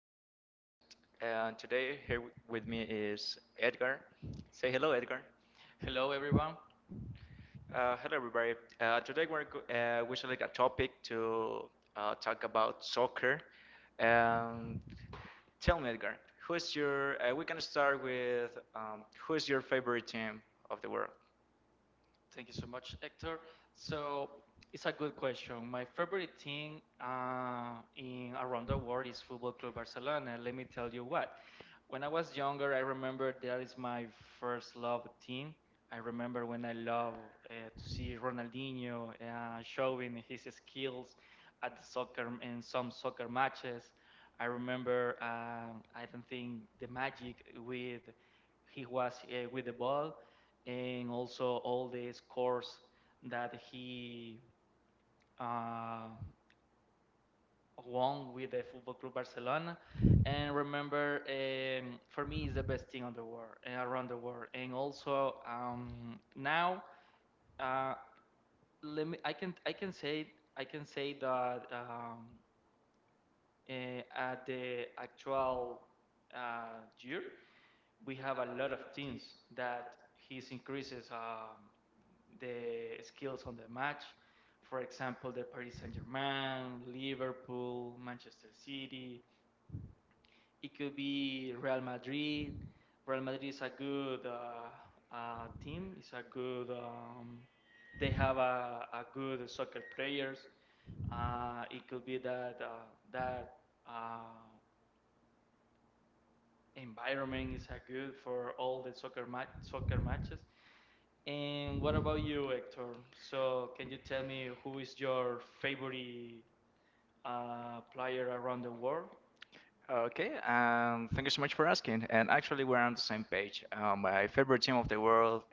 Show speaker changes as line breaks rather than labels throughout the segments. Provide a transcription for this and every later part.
Favorite Podcast. And today, here with me is Edgar. Say hello, Edgar.
Hello, everyone.
Hello, everybody. Today, we're we select a topic to talk about soccer. And tell me, Edgar, who is your? We can start with who is your favorite team of the world?
Thank you so much, Hector. So it's a good question. My favorite team in around the world is Football Club Barcelona. Let me tell you what. When I was younger, I remember that is my first love team. I remember when I love to see Ronaldinho showing his skills at the soccer in some soccer matches. I remember, I don't think the magic with he was with the ball, and also all the scores that he uh, won with the Football Club Barcelona. And remember, for me, is the best thing on the world and around the world. And also now, uh, let me. I can say that at the actual year, we have a lot of teams that his increases. The skills on the match. For example, the Paris Saint Germain, Liverpool, Manchester City. It could be Real Madrid. Real Madrid is a good team. It's a good. They have a good soccer players. It could be that uh, environment is a good for all the soccer soccer matches. And what about you, Hector? So, can you tell me who is your favorite player around the world?
Okay, thank you so much for asking. And actually, we're on the same page. My favorite team of the world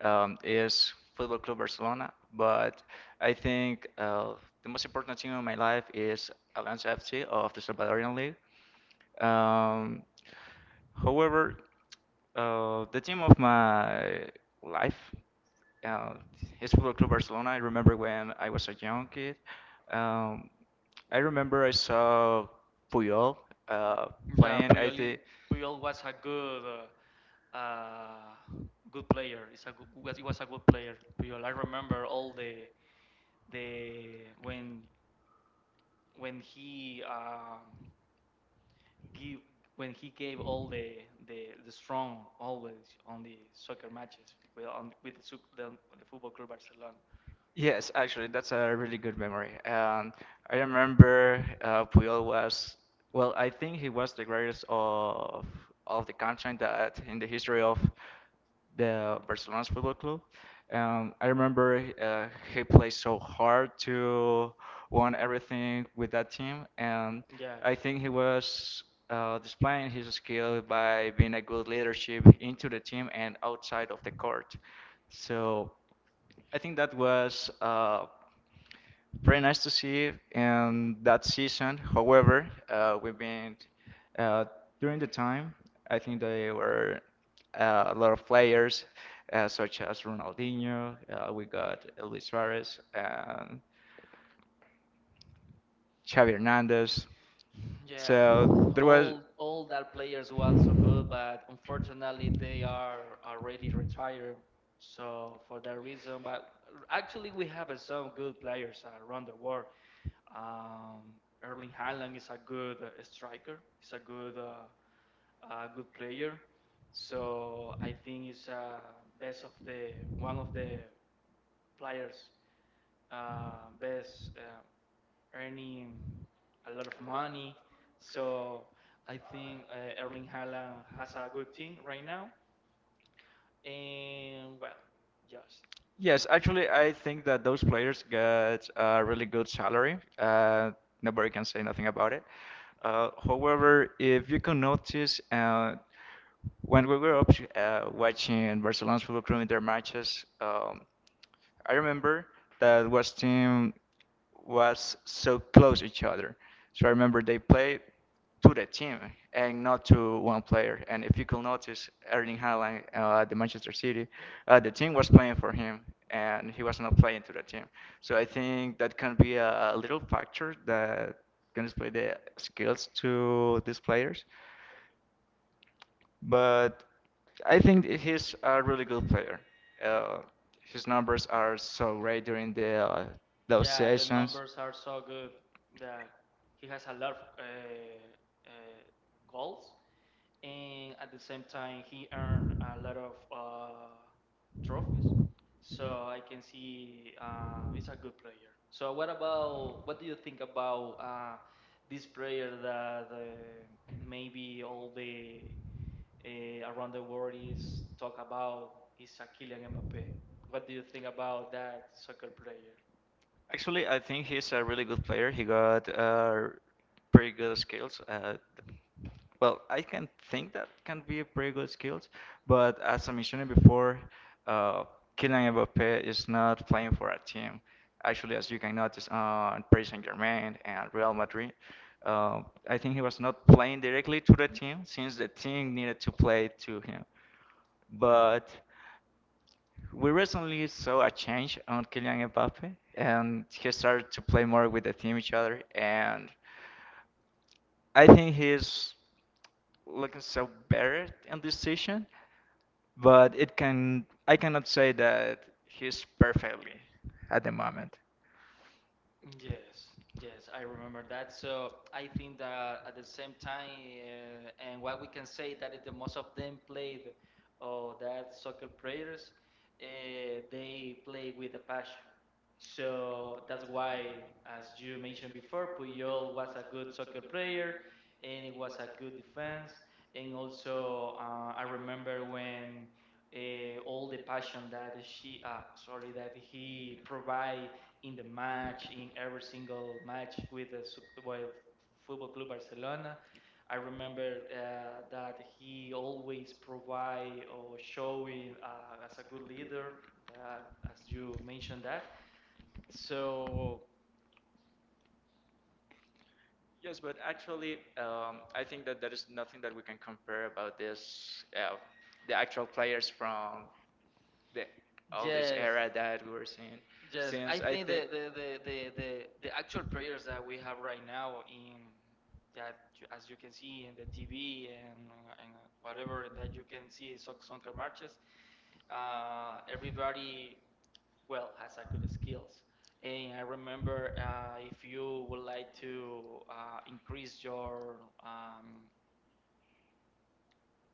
is Football Club Barcelona, but I think the most important team in my life is Alianza FC of the Salvadorian League. Um, However, the team of my life uh, is Football Club Barcelona. I remember when I was a young kid. Um, I remember I saw Puyol uh,
Yeah,
playing. I
Puyol,
think
Puyol was a good, uh, uh, good player. It's a good. He was a good player. Puyol. I remember all the when he give gave all the strong always on the soccer matches with the Football Club Barcelona.
Yes, actually, that's a really good memory. I remember Puyol was, well, I think he was the greatest of the country that in the history of the Barcelona's football club. I remember he played so hard to won everything with that team, and
Yeah.
I think he was displaying his skill by being a good leadership into the team and outside of the court. So I think that was very nice to see in that season. However, we've been uh, during the time. I think there were a lot of players such as Ronaldinho. We got Luis Suarez and Xavi Hernandez.
Yeah,
So there was.
all that players were so good, but unfortunately they are already retired. So for that reason, but actually we have some good players around the world. Um, Erling Haaland is a good striker. He's a good player. So I think it's best of the one of the players best. Earning a lot of money. So I think Erling Haaland has a good team right now. And well, just
Yes, actually, I think that those players get a really good salary. Nobody can say nothing about it. However, if you can notice, when we were watching Barcelona's Football Club in their matches, I remember that West team was so close to each other. So I remember they played to the team and not to one player. And if you could notice, Erling Haaland at the Manchester City, the team was playing for him and he was not playing to the team. So I think that can be a little factor that can display the skills to these players. But I think that he's a really good player. Uh, his numbers are so great during the those
yeah, the
sessions.
numbers are so good that he has a lot of goals, and at the same time he earned a lot of trophies, so I can see he's a good player. So what do you think about this player that maybe all the around the world is talk about, is a Kylian Mbappe. What do you think about that soccer player?
Actually, I think he's a really good player. He got pretty good skills. Well, I can think that can be a pretty good skills, but as I mentioned before, uh, Kylian Mbappé is not playing for a team. Actually, as you can notice on Paris Saint-Germain and Real Madrid, uh, I think he was not playing directly to the team since the team needed to play to him. But we recently saw a change on Kylian Mbappé, and he started to play more with the team each other and. I think he's looking so better in this season, but it can I cannot say that he's perfectly at the moment.
Yes, yes, I remember that. So I think that at the same time, and what we can say that is the most of them played, or that soccer players, they play with a passion. So that's why, as you mentioned before, Puyol was a good soccer player, and it was a good defense. And also, I remember when all the passion that she, sorry, that he provide in the match, in every single match with the Football Club Barcelona. I remember that he always provide or showing as a good leader, that, as you mentioned that. So
Yes, but actually, I think that there is nothing that we can compare about the actual players from the all this
yes,
era that we were seeing.
yes,
Since
I
I
think
think
the actual players that we have right now in as you can see in the TV and whatever that you can see soccer matches, everybody well has a good skills. And I remember if you would like to increase your um,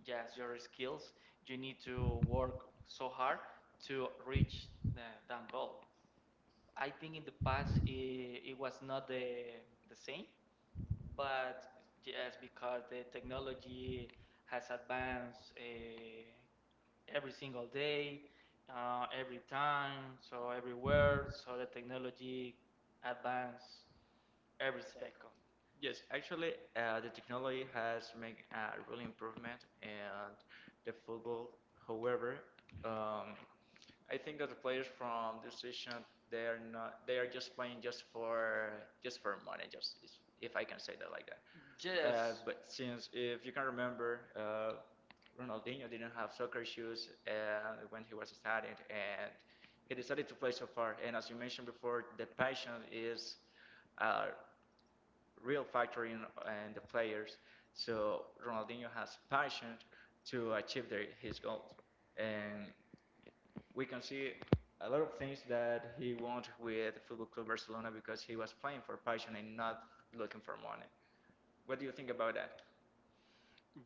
yes your skills, you need to work so hard to reach the, that goal. I think in the past it was not the same, but yes, because the technology has advanced every single day, every time, so everywhere, so the technology advance every second.
Yes, actually, the technology has made a really improvement and the football. However, um, I think that the players from this season they are not they are just playing just for money, if I can say that like that.
Yes,
But since if you can remember, Ronaldinho didn't have soccer shoes when he was studying, and he decided to play so far. And as you mentioned before, the passion is. Uh, real factor in the players. So Ronaldinho has passion to achieve his goals, and we can see a lot of things that he won with Football Club Barcelona because he was playing for passion and not looking for money. What do you think about that?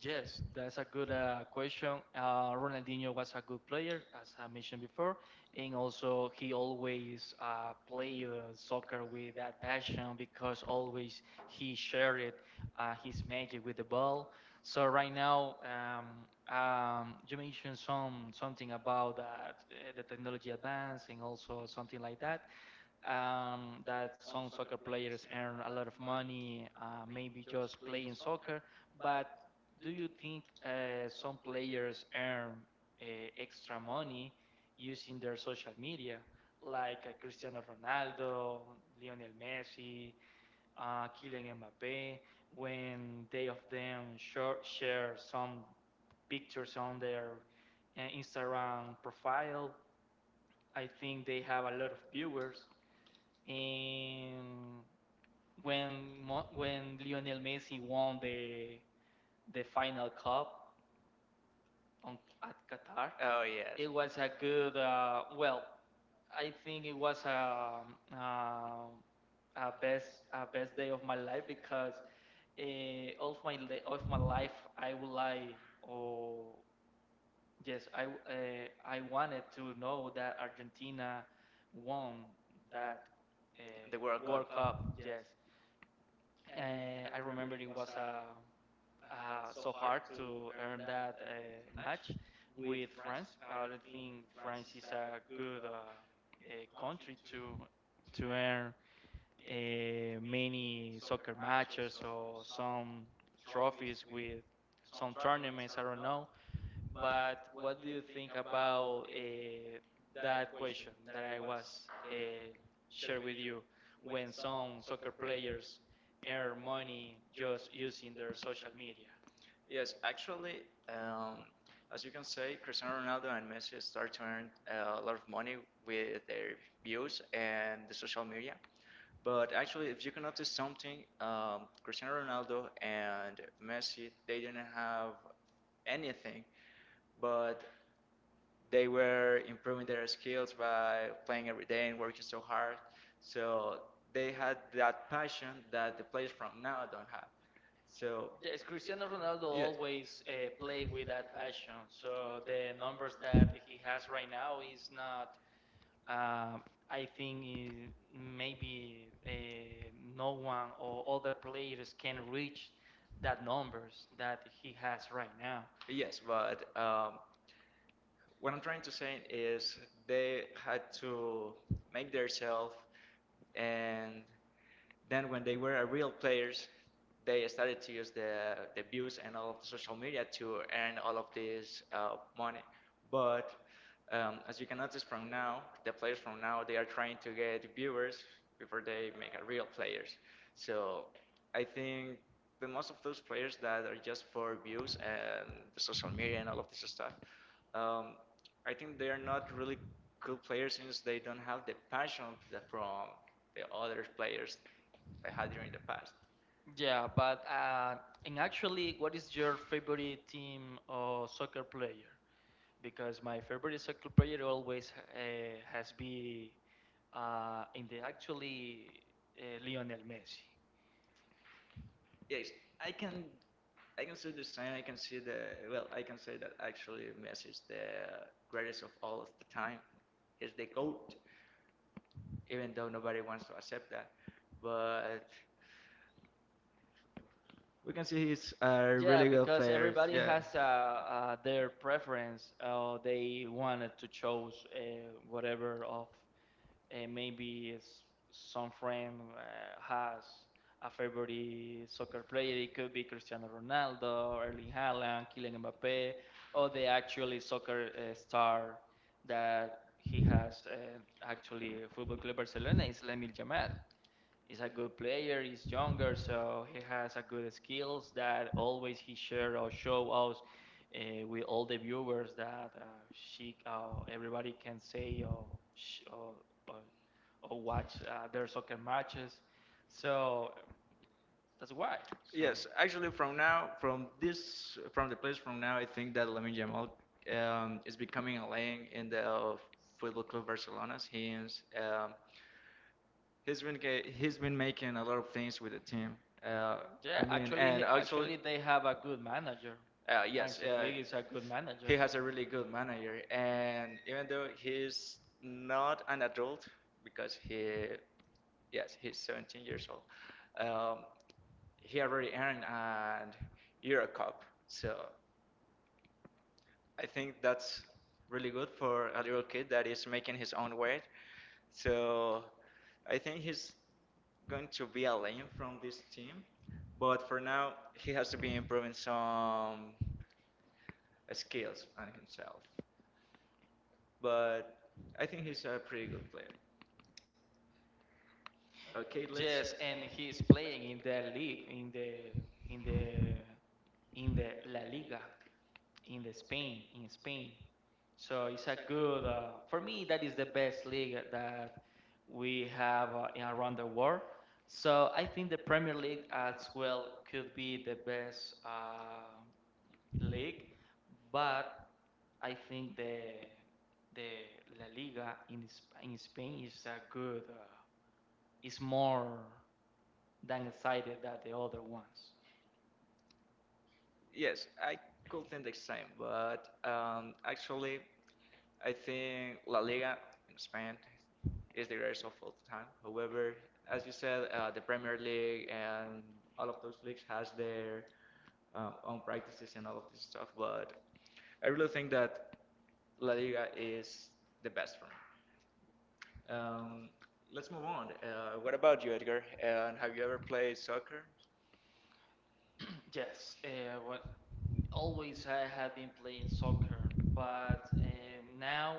yes, that's a good question. Ronaldinho was a good player, as I mentioned before, and also he always played soccer with that passion because always he shared his magic with the ball. So right now, you mentioned something about that, the technology advance and also something like that, that some soccer players earn a lot of money, maybe just playing soccer. But do you think some players earn uh, extra money using their social media, like Cristiano Ronaldo, Lionel Messi, Kylian Mbappe, when they of them share some pictures on their Instagram profile? I think they have a lot of viewers. And when Lionel Messi won the final cup on at Qatar,
Oh yes,
it
it was
was a good. I think it was um a best day of my life because all of of my life I would like or yes I w- I wanted to know that Argentina won that
The World
uh, World Cup,
Cup.
yes. Uh, I remember it was so hard to earn that match with France. I think France is a good a country to earn many soccer matches or some trophies with some tournaments. I don't know. But what do you think about that question that I was shared with you when some soccer players earn money just using their social media?
Yes, actually, um, as you can say, Cristiano Ronaldo and Messi start to earn a lot of money with their views and the social media. But actually, if you can notice something, Cristiano Ronaldo and Messi, they didn't have anything, but they were improving their skills by playing every day and working so hard. So they had that passion that the players from now don't have. So,
Yes, Cristiano Ronaldo
yes.
always play with that passion. So the numbers that he has right now is not. Um, I think maybe no one or other players can reach that numbers that he has right now.
Yes, but what I'm trying to say is they had to make themselves, and then when they were real players, they started to use the views and all of the social media to earn all of this money. But as you can notice from now, the players from now they are trying to get viewers before they make a real players. So I think the most of those players that are just for views and the social media and all of this stuff, um, I think they are not really good players since they don't have the passion that from the other players I had during the past.
Yeah, but and actually, what is your favorite team or soccer player? Because my favorite soccer player always has been in the actually Lionel Messi.
Yes, I can I can see the same. I can see the well. I can say that actually Messi is the greatest of all of the time. He's the goat, even though nobody wants to accept that. But we can see he's a really
Yeah,
good
because
player.
everybody
Yeah.
has their preference. They wanted to choose whatever of maybe it's some friend has a favorite soccer player. It could be Cristiano Ronaldo, Erling Haaland, Kylian Mbappe, or the actually soccer star that he has actually Football Club Barcelona is Lamine Yamal. He's a good player. He's younger, so he has a good skills that always he share or show us with all the viewers that she everybody can say or sh- or, or, watch their soccer matches. So that's why. So
Yes, actually, from now, from from the place from now, I think that Lamine Yamal is becoming a legend in the Football Club Barcelona. He's he's been making a lot of things with the team. Uh, I
yeah,
mean,
actually,
and actually,
actually they have a good manager.
yes,
Hansi Flick is a good
he
manager.
has a really good manager, and even though he's not an adult because yes, he's 17 years old, he already earned an Euro Cup. So I think that's really good for a little kid that is making his own way. So I think he's going to be a legend from this team, but for now he has to be improving some skills on himself, but I think he's a pretty good player. Okay, let's.
Yes, and he's playing in the league, in in the the La Liga, in Spain. So it's a good. For me, that is the best league that we have around the world. So I think the Premier League as well could be the best league, but I think the La Liga in Spain is a good is more than excited than the other ones.
Yes, I could think the same, but actually, I think La Liga in Spain is the greatest of all time. However, as you said, the Premier League and all of those leagues has their own practices and all of this stuff. But I really think that La Liga is the best for me. Um, let's move on. What about you, Edgar? And have you ever played soccer?
Yes, what always I have been playing soccer, but now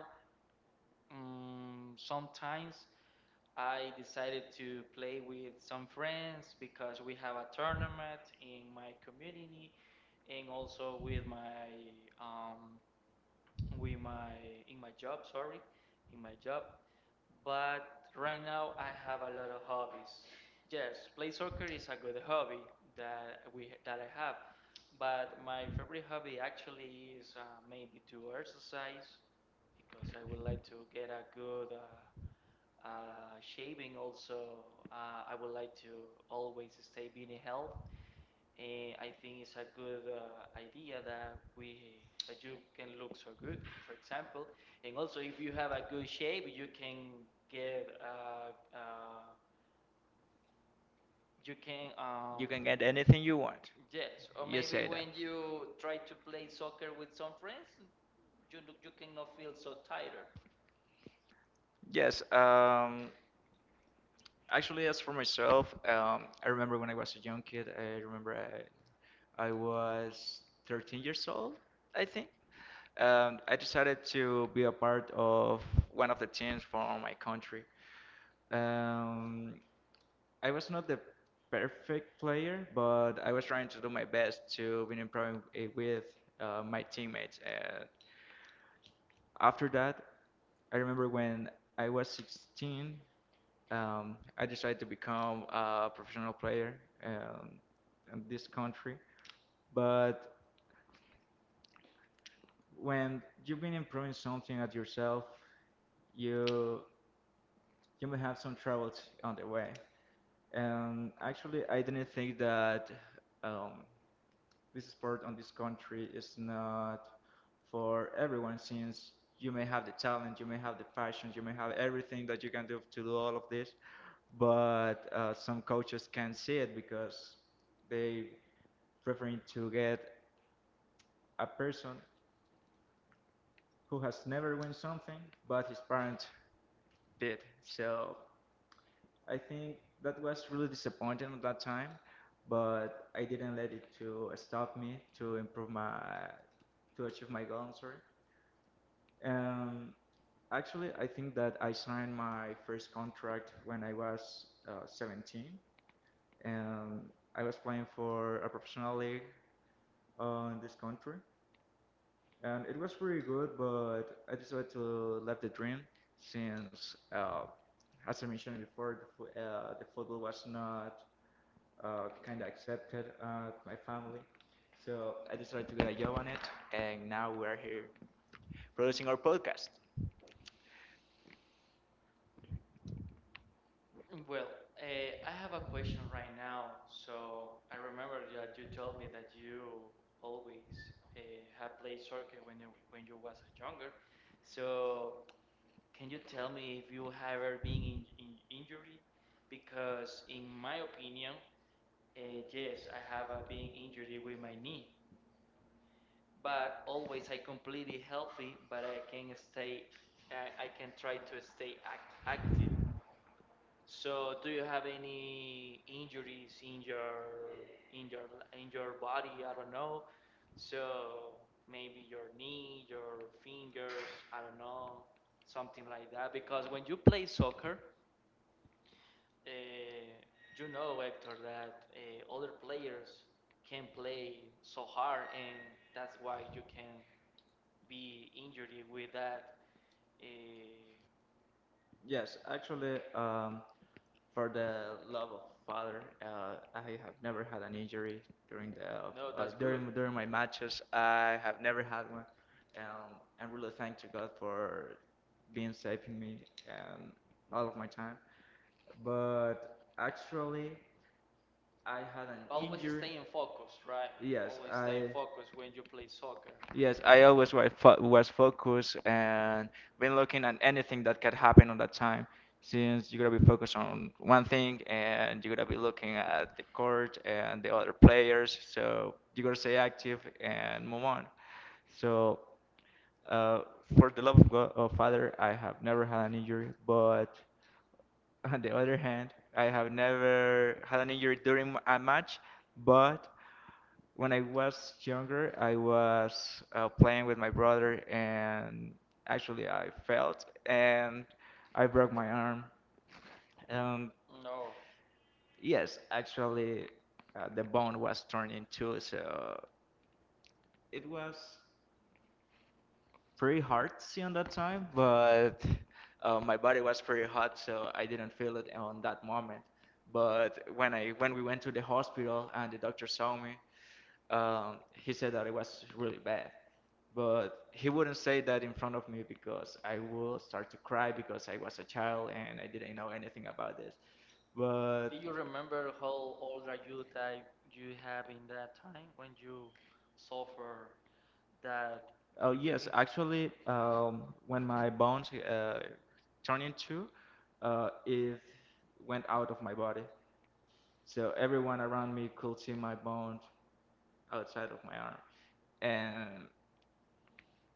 sometimes I decided to play with some friends because we have a tournament in my community and also with my um, with my in my job, sorry, in my job. But right now I have a lot of hobbies. Yes, play soccer is a good hobby that I have. But my favorite hobby actually is maybe to exercise because I would like to get a good shaving. Also, I would like to always stay being health. And I think it's a good idea that you can look so good, for example. And also, if you have a good shape, get uh, uh, you can
You can get anything you want.
yes, or
You
maybe
say that.
when you try to play soccer with some friends, you cannot feel so tired.
Yes, actually, as for myself, I remember when I was a young kid, I remember I was 13 years old, I think. I decided to be a part of one of the teams from my country. Um, I was not the perfect player, but I was trying to do my best to be improving with my teammates. After that, I remember when I was 16, I decided to become a professional player um, in this country. But when you've been improving something at yourself, you you may have some troubles on the way. Actually, I didn't think that um, this sport on this country is not for everyone since you may have the talent, you may have the passion, you may have everything that you can do to do all of this, but some coaches can't see it because they preferring to get a person who has never won something, but his parents did. So I think that was really disappointing at that time, but I didn't let it to stop me to improve my to achieve my goal. I'm sorry. Um, Actually, I think that I signed my first contract when I was 17, and I was playing for a professional league in this country, and it was pretty good. But I decided to live the dream since, as I mentioned before, the football was not kind of accepted at my family. So I decided to get a job on it, and now we are here producing our podcast.
Well, I have a question right now. So I remember that you told me that you always uh, have played soccer when you was a younger. So can you tell me if you have ever been in injury? Because in my opinion, uh, yes, I have been injured with my knee, but always I completely healthy, but I can stay, I can try to stay active. So, do you have any injuries in in your your body? I don't know. So maybe your knee, your fingers, I don't know, something like that. Because when you play soccer, uh, you know, Hector, that other players can play so hard, and that's why you can be injured with that. Uh,
Yes, actually, for the love of Father, I have never had an injury during the
no, that's good.
during during my matches. I have never had one. Um, I'm really thankful to God for being saving me and all of my time. But actually, I had an
Always
injury.
stay in focus, right?
Yes,
Always stay in
I.
focus when you play soccer.
Yes, I always was focused and been looking at anything that could happen on that time. Since you're gonna be focused on one thing and you're gonna be looking at the court and the other players, so you gotta stay active and move on. So, uh, for the love of God, of Father, I have never had an injury. But on the other hand, I have never had an injury during a match. But when I was younger, I was playing with my brother, and actually, I fell and I broke my arm. Um,
No.
yes, actually, the bone was torn in two, so it was pretty artsy on that time, but my body was pretty hot, so I didn't feel it on that moment. But when we went to the hospital and the doctor saw me, he said that it was really bad. But he wouldn't say that in front of me because I will start to cry because I was a child and I didn't know anything about this. But
Do you remember how old are you that you have in that time when you suffer that
oh yes,
injury?
actually, when my bones turned in two, it went out of my body. So everyone around me could see my bones outside of my arm, and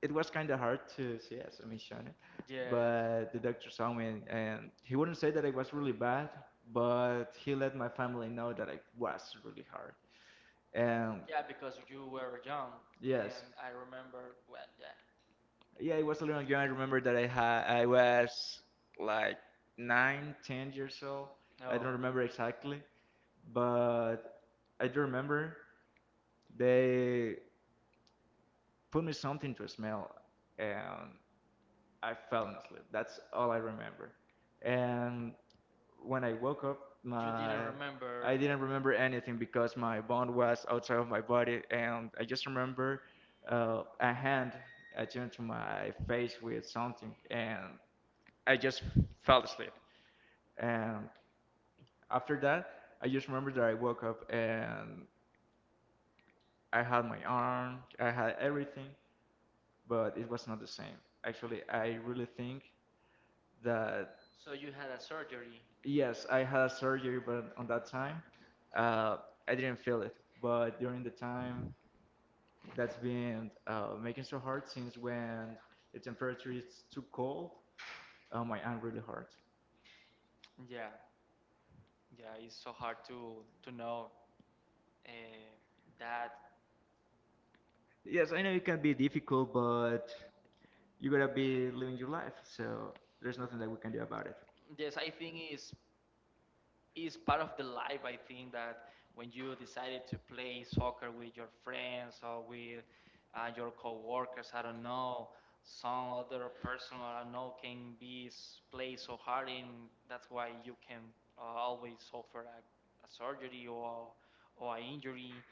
it was kind of hard to see as a missionary.
Yes.
But the doctor saw me, and he wouldn't say that it was really bad, but he let my family know that it was really hard. And
Yeah, because you were young,
yes.
and I remember. Well, yeah.
Yeah, it was a little young. I remember that I was like nine, 10 years old. I
No,
don't remember exactly, but I do remember they put me something to smell, and I fell asleep. That's all I remember. And when I woke up,
you didn't
my
remember,
I didn't remember anything because my bond was outside of my body, and I just remember a hand attuned to my face with something, and I just fell asleep. And after that, I just remember that I woke up and I had my arm, I had everything, but it was not the same. Actually, I really think that
so you had a surgery.
yes, I had a surgery, but on that time, uh, I didn't feel it. But during the time that's been making so hard, since when the temperature is too cold, my arm really hurts.
Yeah, yeah. It's so hard to know. Uh, that
Yes, I know it can be difficult, but you gotta be living your life, so there's nothing that we can do about it.
yes, I think is part of the life. I think that when you decided to play soccer with your friends or with your coworkers, I don't know, some other person, or I don't know, can be play so hard, and that's why you can always suffer a surgery or an injury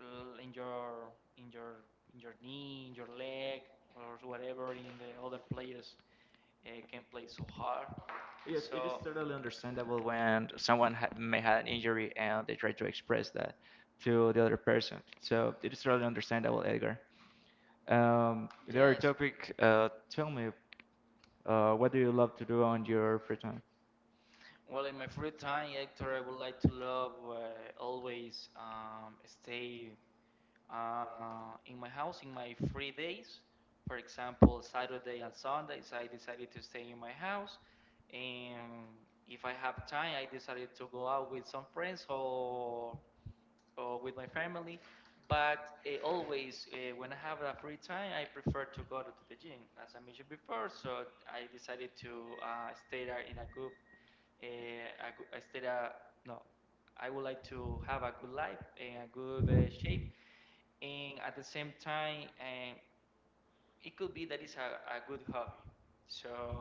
in your in your in your knee, in your leg, or whatever, in the other players can play so hard,
Yes, it is
so
totally understandable when someone ha may have an injury and they try to express that to the other person. So it is totally understandable, Edgar. There are
yes.
topic. Tell me, what do you love to do on your free time?
Well, in my free time, Hector, I would like to love always stay uh, in my house in my free days. For example, Saturday and Sundays, I decided to stay in my house. And if I have time, I decided to go out with some friends or with my family. But always, when I have a free time, I prefer to go to the gym, as I mentioned before. So I decided to stay there in a good uh, a goo- instead of no, I would like to have a good life and a good shape, and at the same time it could be that it's a good hobby. So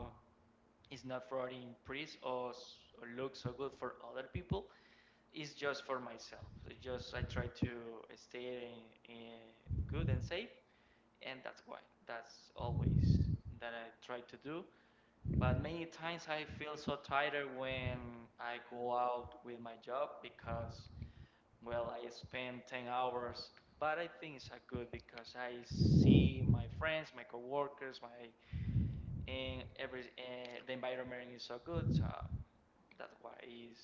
it's not for the impress or look so good for other people, it's just for myself. It's just I try to stay good and safe, and that's why that's always that I try to do. But many times I feel so tired when I go out with my job because, well, I spend 10 hours. But I think it's a good because I see my friends, my coworkers, my and every the environment is so good. So that's why is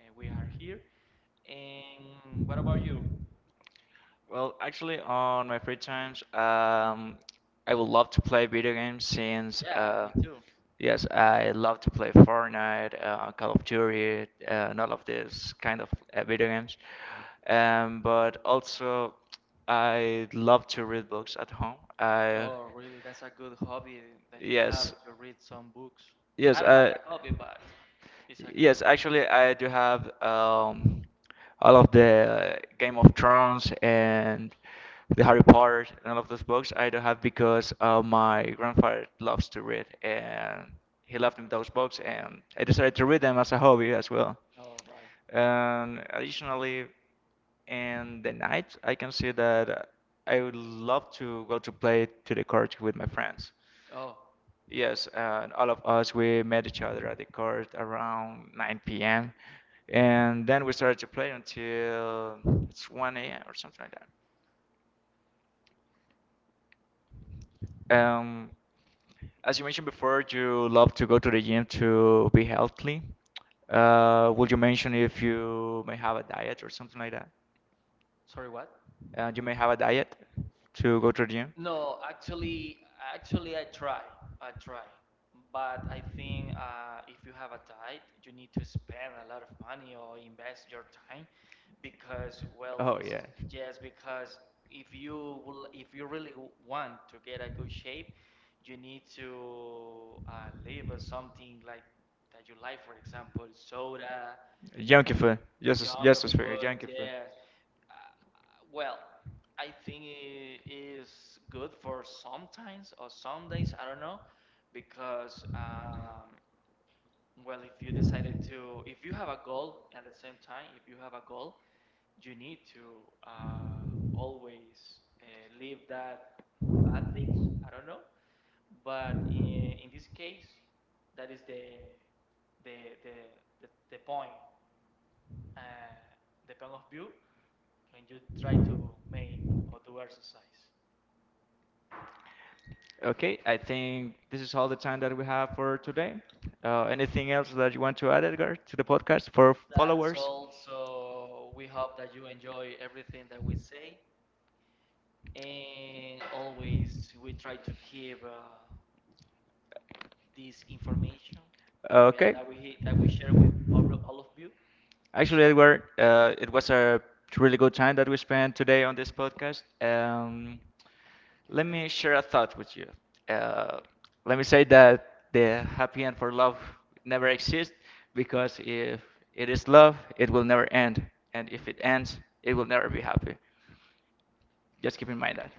we are here. And what about you?
Well, actually, on my free times, I would love to play video games since,
Yeah, me too.
yes, I love to play Fortnite, Call of Duty, and all of these kind of video games. But also, I love to read books at home. I
Oh, really? That's a good hobby that you have
yes.
to read some books. I
Yes,
don't have
I
that hobby, but it's a good.
yes, actually I do have all of the Game of Thrones and the Harry Potter and all of those books I do have because my grandfather loves to read and he left me those books and I decided to read them as a hobby as well.
All right.
And additionally, in the night, I can see that I would love to go to play to the court with my friends.
Oh.
Yes, and all of us we met each other at the court around 9 p.m. and then we started to play until it's 1 a.m. or something like that. Um, as you mentioned before, you love to go to the gym to be healthy. Would you mention if you may have a diet or something like that?
Sorry, what?
You may have a diet to go to the gym?
No, actually, I try. I try. But I think if you have a diet, you need to spend a lot of money or invest your time because, well,
Oh yeah.
yes, because if you if you really want to get a good shape, you need to live with something like that you like, for example, soda,
Junkie food. Yes.
junk food, yes. Uh, Well, I think it is good for sometimes or some days, I don't know, because well, if you decided to, if you have a goal at the same time, if you have a goal, you need to always leave that bad things. I don't know, but in this case, that is the the the, the point, uh, the point of view when you try to make or do exercise.
Okay, I think this is all the time that we have for today. Anything else that you want to add, Edgar, to the podcast for?
That's exactly all. So we hope that you enjoy everything that we say. And always we try to keep this information
Okay.
that we share with all of you.
Actually, Edward, it was a really good time that we spent today on this podcast. Let me share a thought with you. Uh, Let me say that the happy end for love never exists, because if it is love, it will never end, and if it ends, it will never be happy. Just keep in mind that.